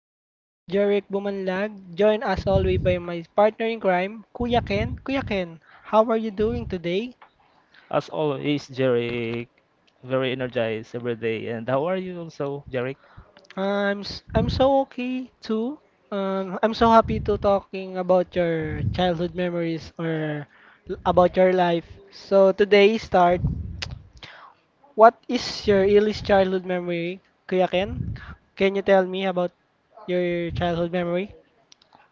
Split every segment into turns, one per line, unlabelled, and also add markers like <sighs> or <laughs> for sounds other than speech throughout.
I'm your host, Jeric Bumanlag, joined as always by my partner in crime, Kuya Ken. Kuya Ken, how are you doing today?
As always, Jeric, very energized every day. And how are you also, Jeric?
I'm so okay too. I'm so happy to talking about your childhood memories or about your life. So today start. What is your earliest childhood memory, Kuya Ken? Can you tell me about your childhood memory?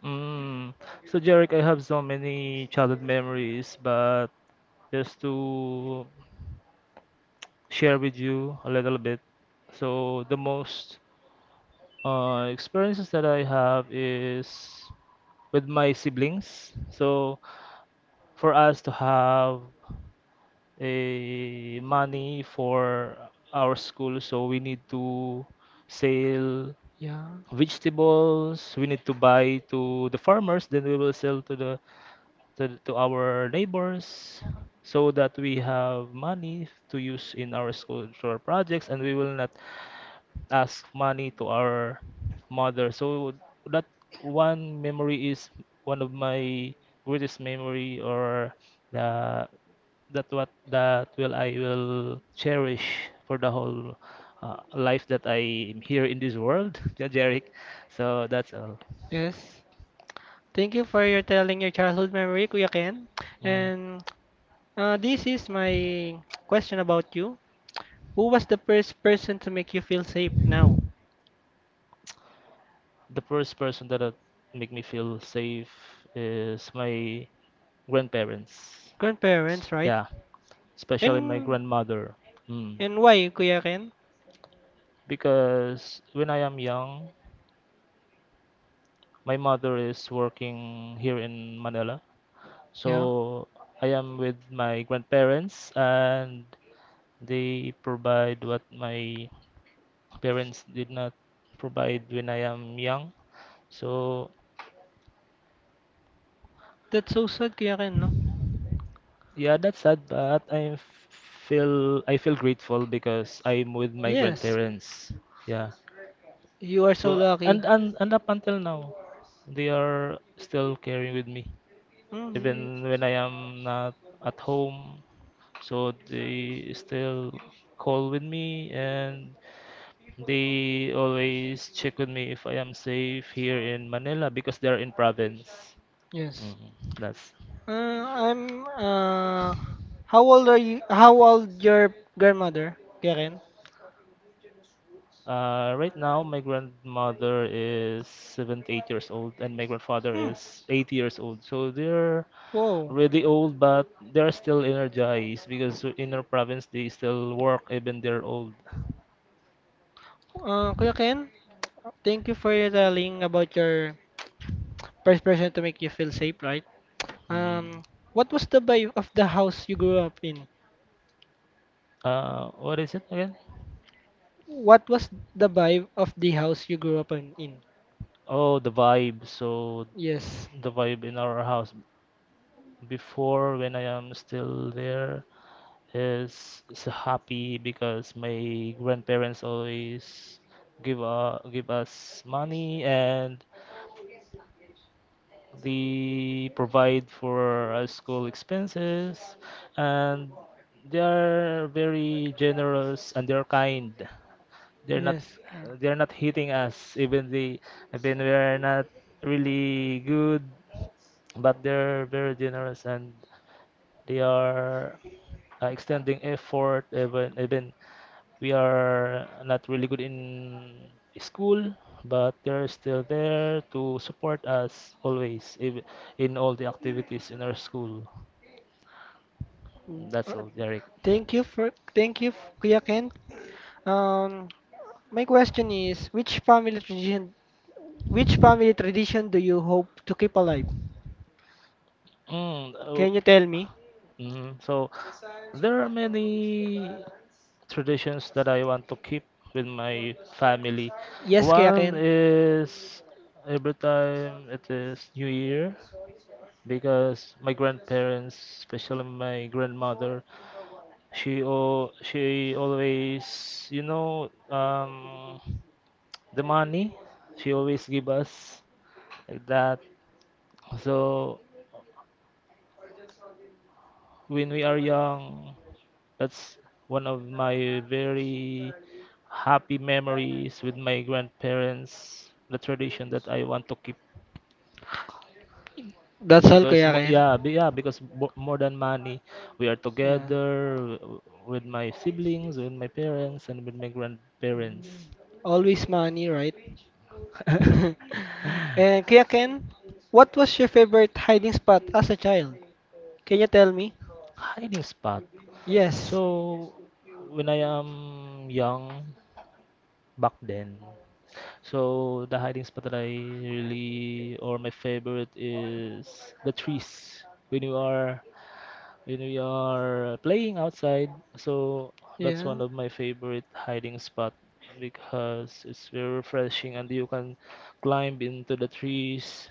Mm. So, Jeric, I have so many childhood memories, but just to share with you a little bit. So, the most experiences that I have is with my siblings. So, for us to have a money for our school, so we need to sell
Yeah.
vegetables, we need to buy to the farmers, then we will sell to the to our neighbors so that we have money to use in our school, to our projects, and we will not ask money to our mother. So that one memory is one of my greatest memory or the that what that will I will cherish for the whole life that I am here in this world, <laughs> yeah, Jeric. So that's all.
Yes. Thank you for your telling your childhood memory, Kuya Ken.
Mm.
And this is my question about you. Who was the first person to make you feel safe now?
The first person that make me feel safe is my grandparents.
Grandparents, right?
Yeah, especially my
And
grandmother. Mm.
and why, Kuya Ken?
Because when I am young, my mother is working here in Manila.
Yeah.
So I am with my grandparents and they provide what my parents did not provide when I am young. So
That's so sad, Kuya Ken, no?
yeah, that's sad, but I feel grateful because I'm with my
Yes.
grandparents. Yeah.
You are so
So
lucky.
and up until now, they are still caring with me,
Mm,
even when I am not at home. So they still call with me and they always check with me if I am safe here in Manila because they are in province.
Yes.
Mm, that's
I'm. How old are you? How old your grandmother, Karen?
right now my grandmother is 78 years old and my grandfather
Hmm.
is 80 years old. So they're
Whoa.
really old but they're still energized because in our province they still work even they're old.
Kuya Ken, thank you for telling about your first person to make you feel safe, right?
Mm.
Um, what was the vibe of the house you grew up in?
What is it again?
What was the vibe of the house you grew up in?
Oh, the vibe. So
Yes.
the vibe in our house before when I am still there is happy because my grandparents always give us money and they provide for school expenses, and they are very generous and they're kind. They're not
Yes, yeah.
they're not hitting us, even they even we're not really good, but they're very generous and they are extending effort, even even we are not really good in school, but they're still there to support us always in all the activities in our school.
Mm,
That's
uh,
all, Derek.
thank you, Kuya Ken. Um, my question is, which family tradition do you hope to keep alive?
Mm, oh,
Can you tell me?
mhm. So there are many traditions that I want to keep with my family.
Yes, Kuya
One
Ken.
is every time it is New Year, because my grandparents, especially my grandmother, she always, you know, the money she always give us like that. So when we are young, that's one of my very happy memories with my grandparents. The tradition that I want to keep
That's all,
because
Kuya Ken.
more than money we are
Yeah.
together with my siblings, with my parents, and with my grandparents.
Mm. Always money, right?
<laughs>
<laughs> And Kuya Ken, what was your favorite hiding spot as a child? Can you tell me?
Hiding spot.
Yes.
So when I am young back then, so the hiding spot that I really or my favorite is the trees. When we are playing outside, so that's
Yeah.
one of my favorite hiding spot because it's very refreshing and you can climb into the trees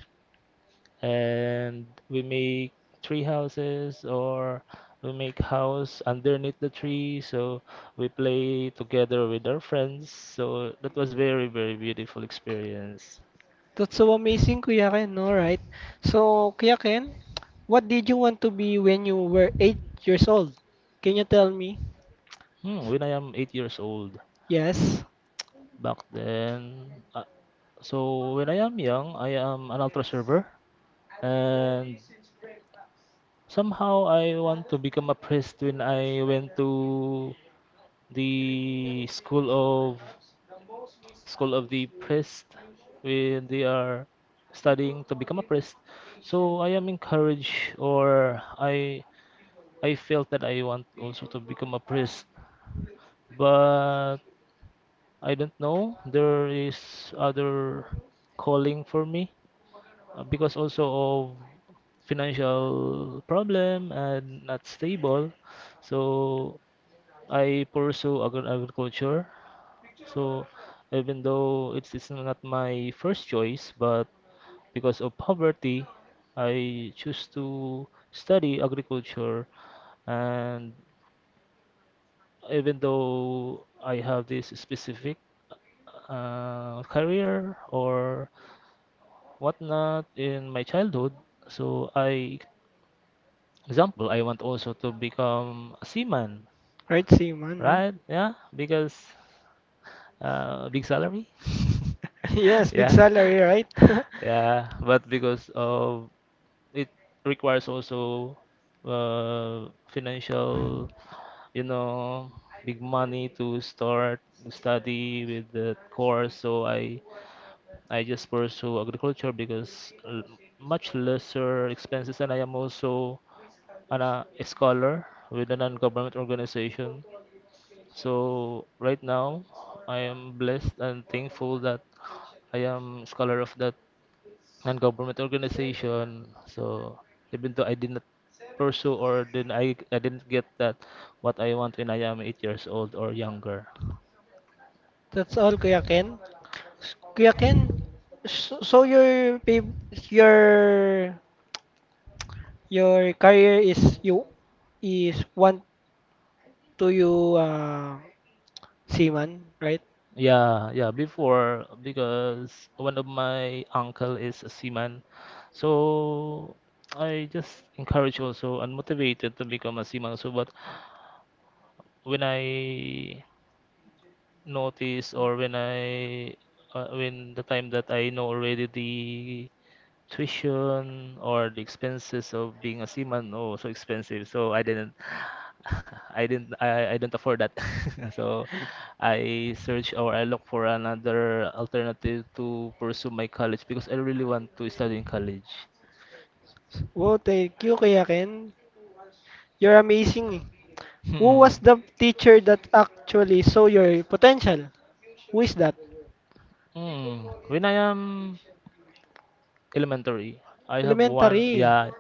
and we make tree houses or we make house underneath the tree, so we play together with our friends. So that was very very beautiful experience.
That's so amazing, Kuya Ken, no, right? So, Kuya Ken, what did you want to be when you were 8 years old? Can you tell me?
Hmm, when I am 8 years old
Yes,
back then, so when I am young I am an ultra server, and somehow I want to become a priest. When I went to the of school of the priest, when they are studying to become a priest, so I am encouraged, or I felt that I want also to become a priest. But I don't know, there is other calling for me, because also of financial problem and not stable. So I pursue agriculture. So even though it's not my first choice, but because of poverty, I choose to study agriculture. And even though I have this specific career or whatnot in my childhood, so I, example, I want also to become a seaman,
right, Seaman, no?
right? Yeah, because big salary.
<laughs>
<laughs>
Yes, big
Yeah,
salary, right?
yeah, but because of it requires also financial, you know, big money to start to study with the course. So I just pursue agriculture because much lesser expenses, and I am also a scholar with a non-government organization. So right now, I am
<laughs>
blessed and thankful that I am scholar of that non-government organization. So even though I did not pursue or didn't I didn't get that what I want when I am 8 years old or younger.
That's all, Kuya Ken. Kuya Ken, so your your your career is you is want to you seaman, right?
Yeah, yeah, before, because one of my uncle is a seaman. So I just encourage also and motivated to become a seaman also. But when I notice, or when I when the time that I know already the tuition or the expenses of being a seaman, oh, so expensive, so I didn't <sighs> <laughs> I didn't I don't afford that. <laughs> So I search, or I look for another alternative to pursue my college because I really want to study in college.
Wow, thank you, Kuya Ken. You're amazing. Eh.
<laughs>
Who was
Mm.
the teacher that actually saw your potential? Who is that?
Mm. When I am elementary. I have one,
Elementary.
yeah,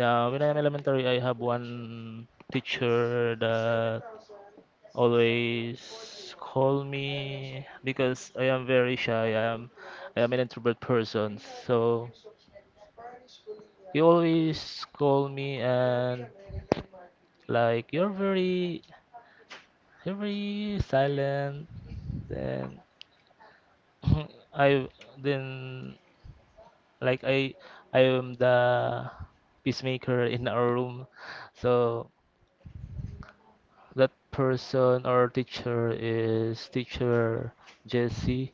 yeah. When I am elementary, I have one teacher that always call me because I am very shy. I am an introvert person, so he always call me and like you're very silent. Then <laughs> <clears throat> I then like I I am the peacemaker in our room. So that person or teacher is teacher Jesse.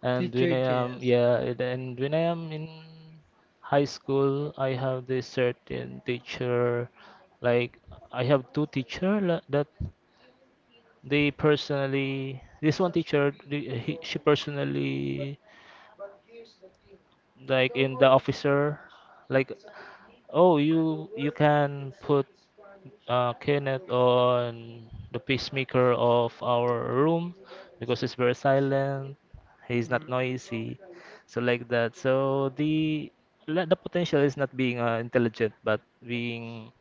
And when
Teacher
I am,
Jess.
yeah, and when I am in high school, I have this certain teacher. Like I have two teacher that they personally. This one teacher, she personally, like in the officer, like, oh, you can put Kenneth on the pacemaker of our room because he's very silent. He's not noisy, so like that. So the the potential is not being intelligent, but being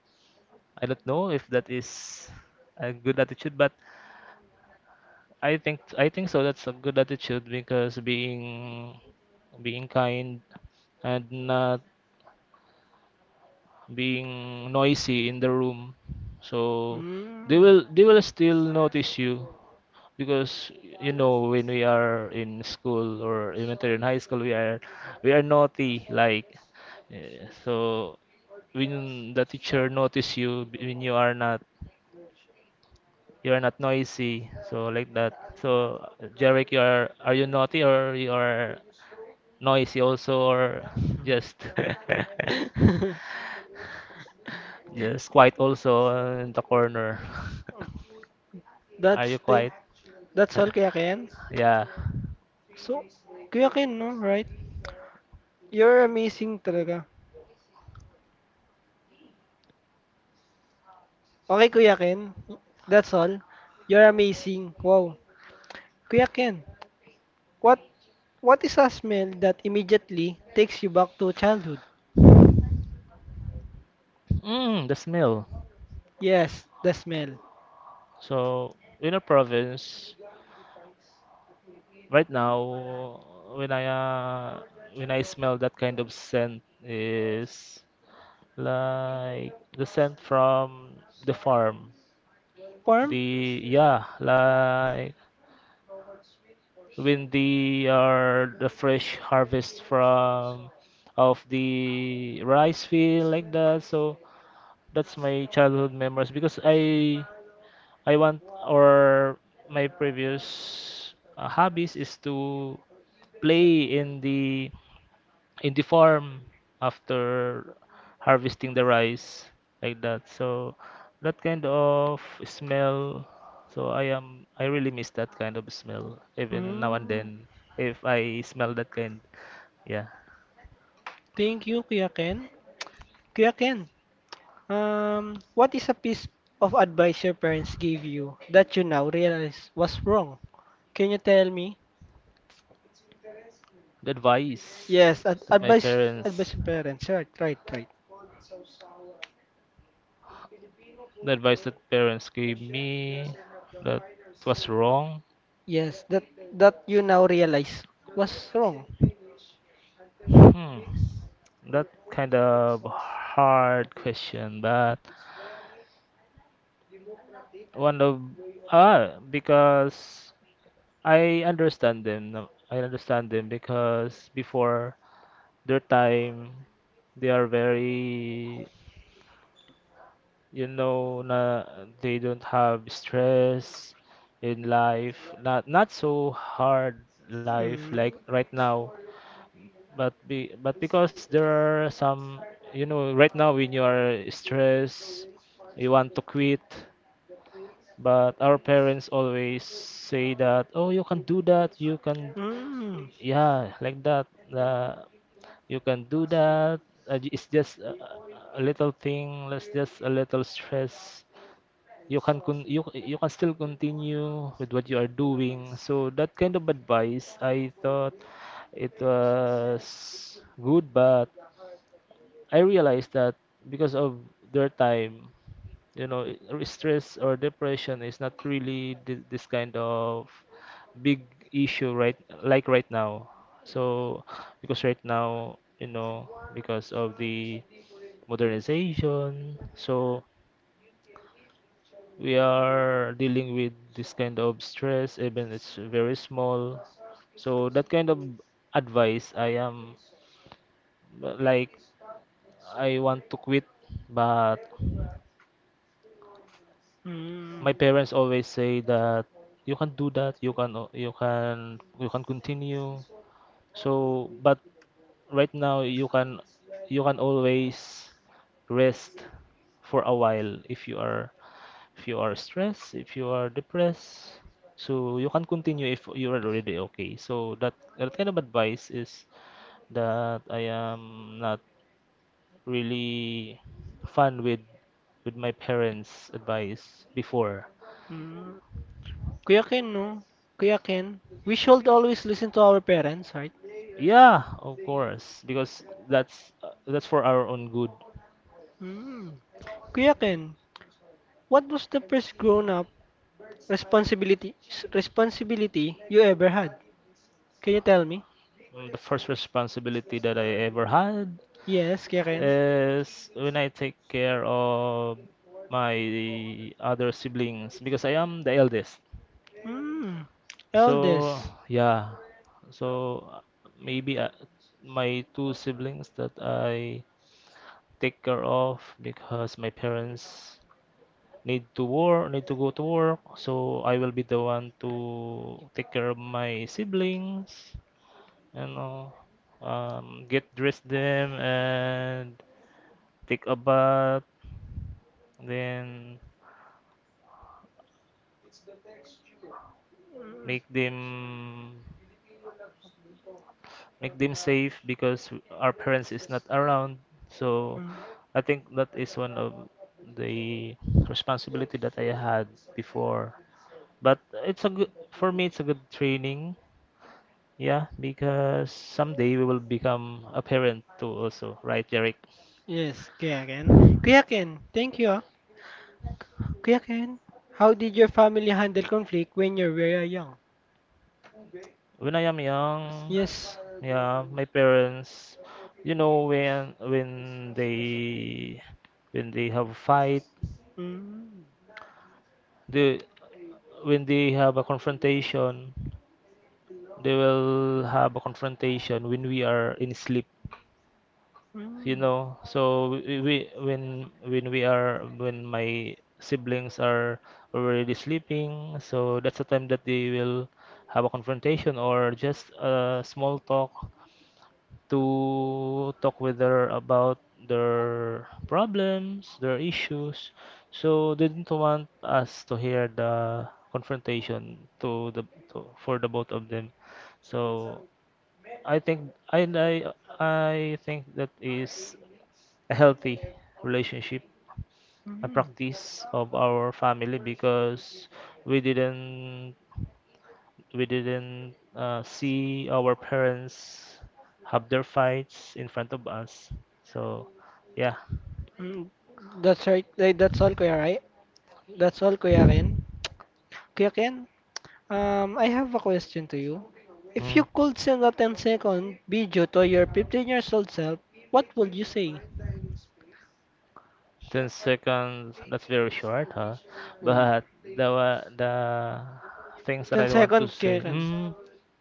I don't know if that is a good attitude, but I think so. That's a good attitude because being kind and not being noisy in the room, so
Mm.
they will still notice you, because you know when we are in school or elementary and high school we are naughty like eh, so when the teacher notice you when you are not noisy, so like that. So, Jarek, you are you naughty or you are noisy also, or just
Mm. <laughs>
<laughs> just quiet also in the corner? <laughs> Are
That's
you
thing.
quiet?
That's all, Kuya Ken.
<laughs> Yeah.
So, Kuya Ken, no? Right? You're amazing talaga. Okay, Kuya Ken. That's all. You're amazing. Wow. Kuya Ken, what what is a smell that immediately takes you back to childhood?
Mm, the smell.
Yes, the smell.
So in a province, right now, when I uh, when I smell that kind of scent is like the scent from the farm.
Farm?
The yeah, like when the are the fresh harvest from of the rice field, like that. So that's my childhood memories, because I want, or my previous hobbies is to play in the farm after harvesting the rice, like that. So that kind of smell. So I am I really miss that kind of smell, even now and
Mm.
then if I smell that kind. Yeah.
Thank you, Kuya Ken. Kuya Ken, what is a piece of advice your parents gave you that you now realize was wrong? Can you tell me?
The advice
Yes,
that my
advice
parents
from parents. Right, right, right.
the advice that parents gave me that it was wrong.
Yes, that you now realize was wrong.
Hmm. That kind of hard question, but one of ah because I understand them now. I understand them because before their time, they are very, you know, na they don't have stress in life. Not not so hard life
Mm.
like right now. But be but because there are some, you know, right now when you are stressed, you want to quit. But our parents always say that, oh, you can do that, you can,
Mm.
yeah, like that. Uh, you can do that. It's just a little thing. Let's just a little stress. You can still continue with what you are doing. So that kind of advice, I thought it was good, but I realized that because of their time, you know or stress or depression is not really this kind of big issue right like right now. So because right now, you know, because of the modernization, so we are dealing with this kind of stress even it's very small. So that kind of advice I am like I want to quit, but
Mm.
my parents always say that you can you can continue. So, but right now you can always rest for a while if you are stressed, if you are depressed, so you can continue if you are already okay. So that that kind of advice is that I am not really fun with my parents advice before.
Mm. Kuya Ken, no? Kuya Ken, we should always listen to our parents, right?
Yeah, of course, because that's for our own good.
Mm. Kuya Ken, what was the first grown-up responsibility responsibility you ever had? Can you tell me?
The first responsibility that I ever had
Yes, Kuya Ken.
is when I take care of my other siblings because I am the eldest.
Mm.
So,
Eldest.
yeah. So uh, maybe my two siblings that I take care of because my parents need to go to work, so I will be the one to take care of my siblings, you know, get dressed them and take a bath, then
Mm.
make them make them safe because our parents is not around. So
Mm.
I think that is one of the responsibility that I had before. But it's a good for me. It's a good training. Yeah, because someday we will become a parent too also, right, Derek?
Yes, Kuya Ken. Kuya Ken, thank you. Ah. Kuya Ken, how did your family handle conflict when you were young?
When I am young,
Yes.
yeah, my parents, you know, when they when they have a fight,
Mm.
they when they have a confrontation, they will have a confrontation when we are in sleep. You
Mm.
know, so when we are when my siblings are already sleeping, so that's the time that they will have a confrontation or just a small talk to talk with her about their problems, their issues. So they didn't want us to hear the confrontation to, for the both of them. So I think I I think that is a healthy relationship, a practice of our family
Mm.
because we didn't we didn't see our parents have their fights in front of us. So yeah.
Mm. That's right. Like, that's all, Kuya, right? That's all, Kuya Ken. Kuya Ken, I have a question to you. If
Mm.
you could send a ten-second video to your 15 years old self, what would you say?
10 seconds, that's very short, huh?
Mm.
But the things that
10
I want
second,
to
Kuya
say,
Ken.
mm,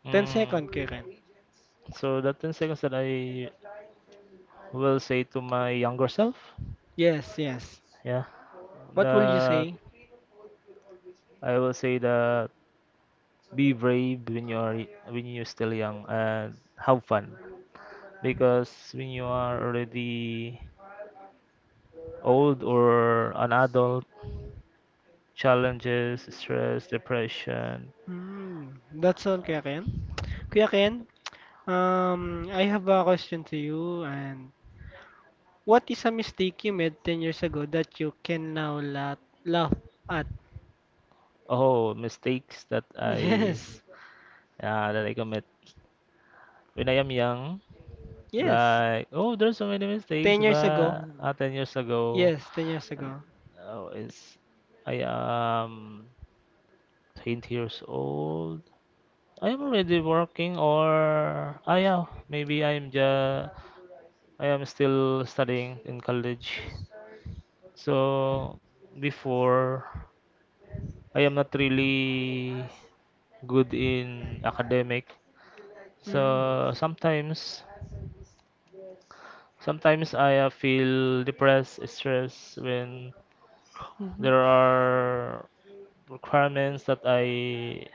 mm.
Ten-second, Kuya Ken.
So the 10 seconds that I will say to my younger self,
Yes, yes.
yeah,
What will you
that
say?
I will say that be brave when you are when you're still young and have fun because when you are already old or an adult, challenges, stress, depression.
Hmm, that's all, Kuya Ken. Kuya Ken, I have a question to you and what is a mistake you made 10 years ago that you can now laugh at?
Oh, mistakes
<laughs> Yes.
that I commit when I am young,
Yes.
like oh, there's so many mistakes,
10 years ago.
but 10 years ago.
Yes, 10 years
And
ago.
oh, it's I am 20 years old. I am already working, or I am maybe I am just I am still studying in college. So before, I am not really good in academic.
Mm.
So sometimes I feel depressed, stressed when
Mhm.
there are requirements that I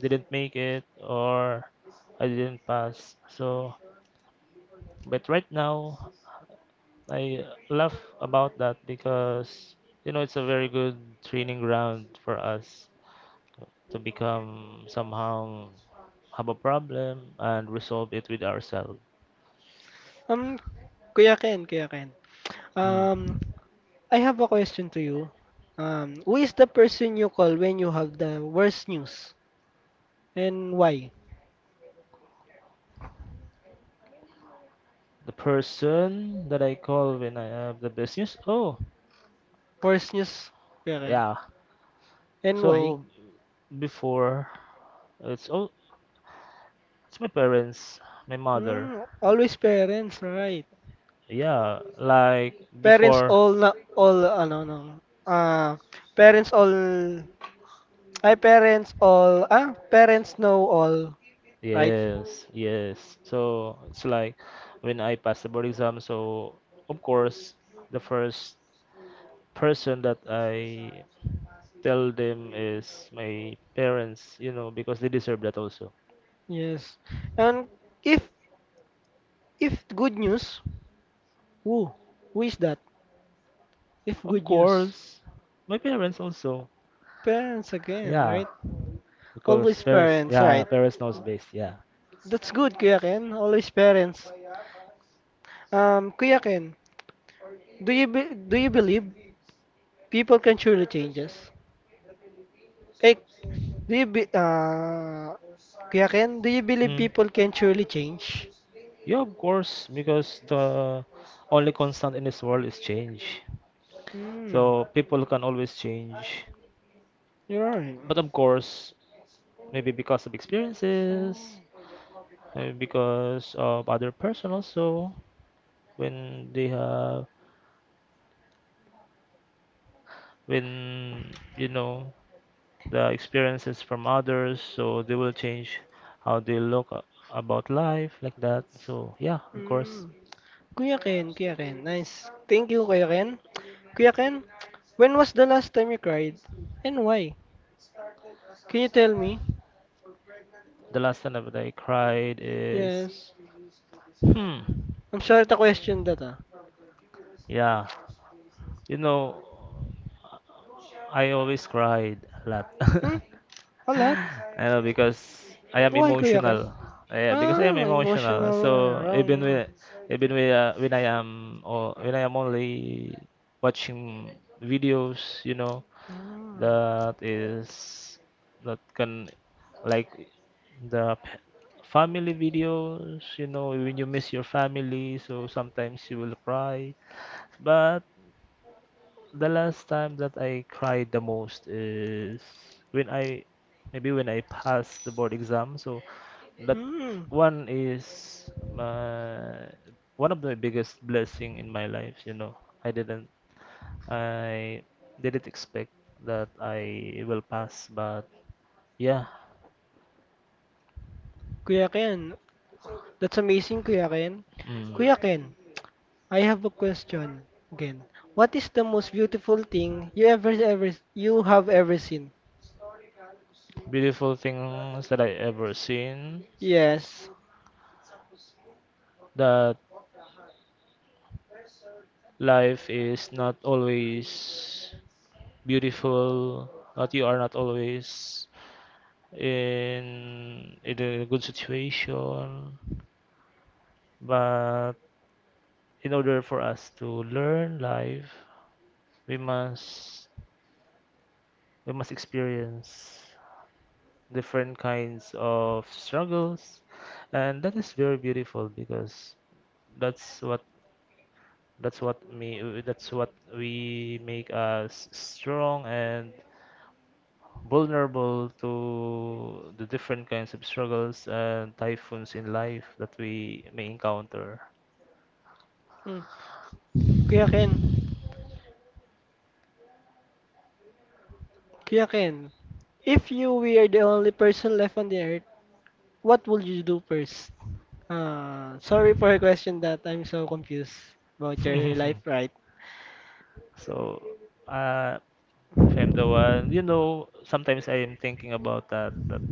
didn't make it or I didn't pass. So, but right now, I laugh about that because you know it's a very good training ground for us to become somehow have a problem and resolve it with ourselves.
Um, Kuya Ken, Kuya Ken. Um,
Mm.
I have a question to you. Who is the person you call when you have the worst news? And why?
The person that I call when I have the business. Oh,
Worst news, Kuya Ken.
yeah.
And why?
So before, it's oh, it's my parents, my mother.
Mm, always parents, right?
Yeah, like
Parents
before.
all na all ano no. Ah, parents all ay parents all ah parents know all, right?
Yes, yes. So it's like when I passed the board exam, so of course the first person that I tell them is my parents, you know, because they deserve that also.
Yes. And if if good news, who who is that? If
Of
good news,
course, my parents also.
parents again,
Yeah,
right?
because
Always
parents,
parents,
yeah,
right?
parents knows best. Yeah.
That's good, Kuya Ken. Always parents. Kuya Ken, do you believe people can surely change us. Like, do you be, uh, Kuya Ken, do you believe
Mm.
people can surely change?
Yeah, of course, because the only constant in this world is change.
Hmm,
So people can always change.
you're right.
But of course, maybe because of experiences, maybe because of other person also, when they have, when you know, the experiences from others, so they will change how about life like that. So yeah, of
Hmm.
course,
Kuya Ken, Kuya Ken, nice. Thank you, Kuya Ken. Kuya Ken, when was the last time you cried? And why? Can you tell me?
the last time that I cried is
Yes.
hmm,
I'm sure the question that ah.
yeah, you know, I always cried a lot.
Hmm?
<laughs>
A lot?
I know because I am
Why, Kuya Ken?
emotional. Yeah, because I am
Ah,
emotional.
emotional. ah,
So
Wrong.
even when, when I am or when I am only watching videos, you know,
Ah.
that is that can like the p- family videos, you know, when you miss your family, so sometimes you will cry. But the last time that I cried the most is when I maybe when I passed the board exam. So that
Hmm.
one is my one of the biggest blessing in my life, you know. I didn't I didn't expect that I will pass, but yeah,
Kuya Ken. That's amazing, Kuya Ken.
mm,
Kuya Ken, I have a question again. What is the most beautiful thing you ever ever you have ever seen?
beautiful things that I ever seen.
Yes.
That life is not always beautiful. That you are not always in a good situation. But in order for us to learn life, we must we must experience different kinds of struggles, and that is very beautiful because that's what that's what we make us strong and vulnerable to the different kinds of struggles and typhoons in life that we may encounter.
Hmm. Kuya Ken, Kuya Ken, if you were the only person left on the earth, what would you do first? Sorry for a question that I'm so confused about your life,
<laughs>
right?
So, uh, if I'm the one, you know, sometimes I am thinking about that, that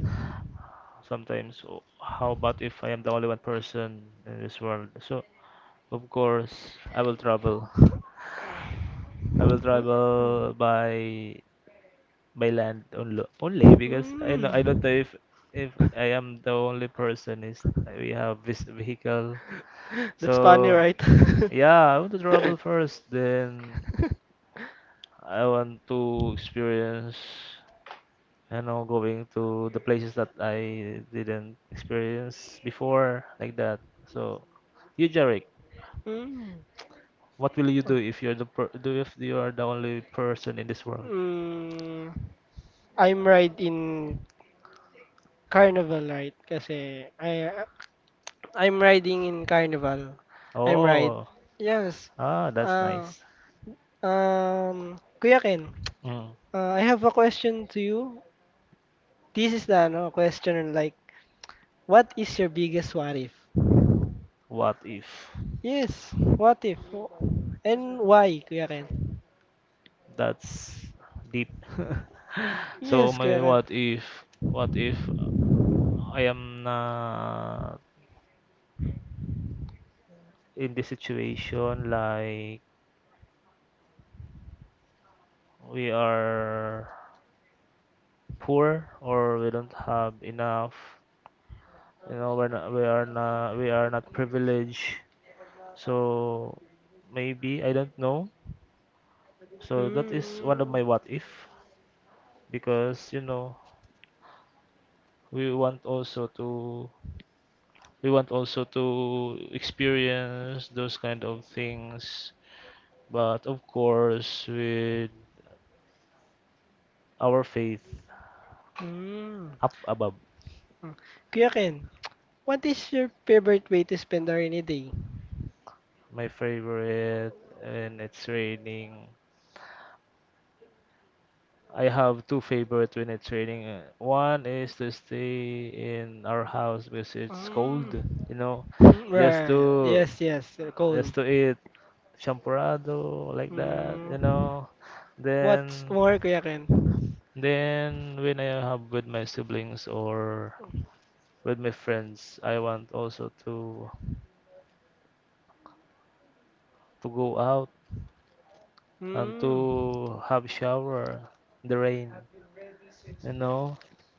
sometimes, oh, how about if I am the only one person in this world? So, of course, I will travel. <laughs> I will
Hmm?
travel by land only, only because I know I don't
Mm.
know if I am the only person is we have this vehicle. So
That's funny, right?
yeah, I want
<laughs>
to travel first. Then I want to experience, you know, going to the places that I didn't experience before, like that. So you, Jarek,
Mm.
what will you do if you're the per do if you are the only person in this world?
Mm, I'm ride in Carnival, right? Kasi I'm riding in Carnival. I'm ride.
Oh,
Yes.
ah, that's
Uh,
nice.
Kuya Ken,
Mm,
I have a question to you. This is the no question like what is your biggest what if?
what if?
Yes, what if? Oh, and why, Kuya Ken?
That's deep. <laughs> So
Yes, Kuya
my
Ken.
what if I am not in this situation like we are poor or we don't have enough, you know, we are not privileged. So maybe I don't know. So that is one of
Mm,
my what if because you know we want also to we want also to experience those kind of things but of course with our faith
mm.
up above.
Mm. Kuya Ken, what is your favorite way to spend a rainy day?
My favorite, and it's raining, I have two favorite when it's raining. One is to stay in our house because it's cold,
Mm.
you know, just
Right.
to
Yes, yes.
just
Cold.
to eat champurrado like that, you
Mm.
know,
What's
then
more, Kuya Ken?
Then when I have with my siblings or with my friends, I want also to go out and
Mm.
to have shower in the rain. You know,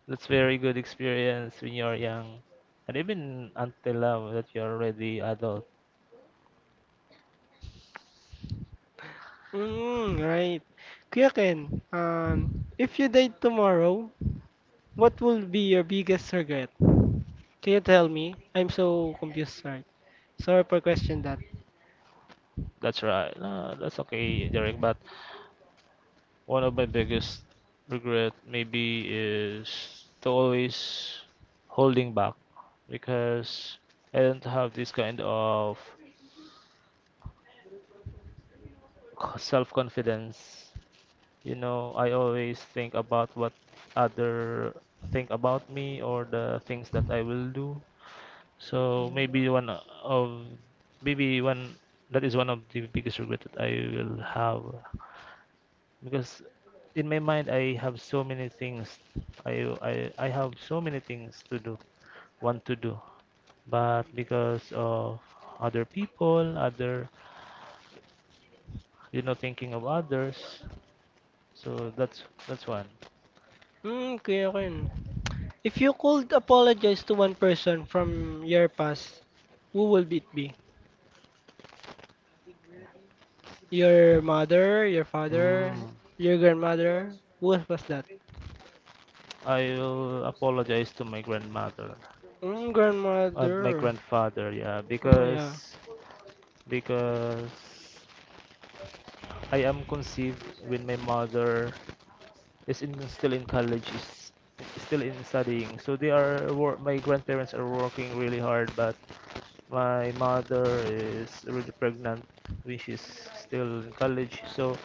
that's very good experience when you're young, and even until now that you're already adult.
Mm, right. Kuya Ken, if you died tomorrow, what will be your biggest regret? Can you tell me? I'm so confused, right? Sorry for question that.
That's right. No, that's okay, Derek. But one of my biggest regret maybe is to always holding back because I don't have this kind of self confidence. You know, I always think about what other think about me or the things that I will do. So maybe one that is one of the biggest regret that I will have because in my mind I have so many things I have so many things to do, want to do, but because of other people, other you know thinking of others, so that's one.
Mm, Kuya Ken, if you could apologize to one person from your past, who will it be? Your mother, your father,
Mm,
your grandmother? Who was that?
I will apologize to my grandmother
Mm,
and my
grandmother.
grandfather, yeah,
Oh yeah.
because I am conceived when my mother still in college, is still in studying. So they are wor my grandparents are working really hard, but my mother is really pregnant when she's still in college. So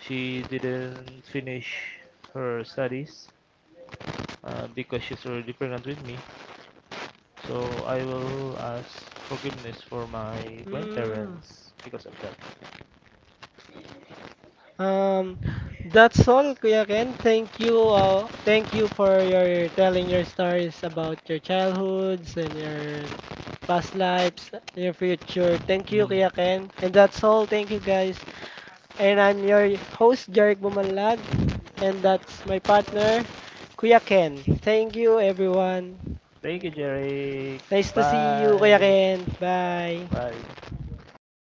she didn't finish her studies because she's already pregnant with me. So I will ask forgiveness for my
Mm.
grandparents because of that.
Um, that's all, Kuya Ken. Thank you. Thank you for your telling your stories about your childhoods and your past lives, your future. Thank you,
Mm.
Kuya Ken. And that's all. Thank you, guys. And I'm your host, Jeric Bumanlag. And that's my partner, Kuya Ken. Thank you, everyone.
Thank you, Jerry.
Nice to see you, Kuya
Bye.
Ken. Bye.
Bye.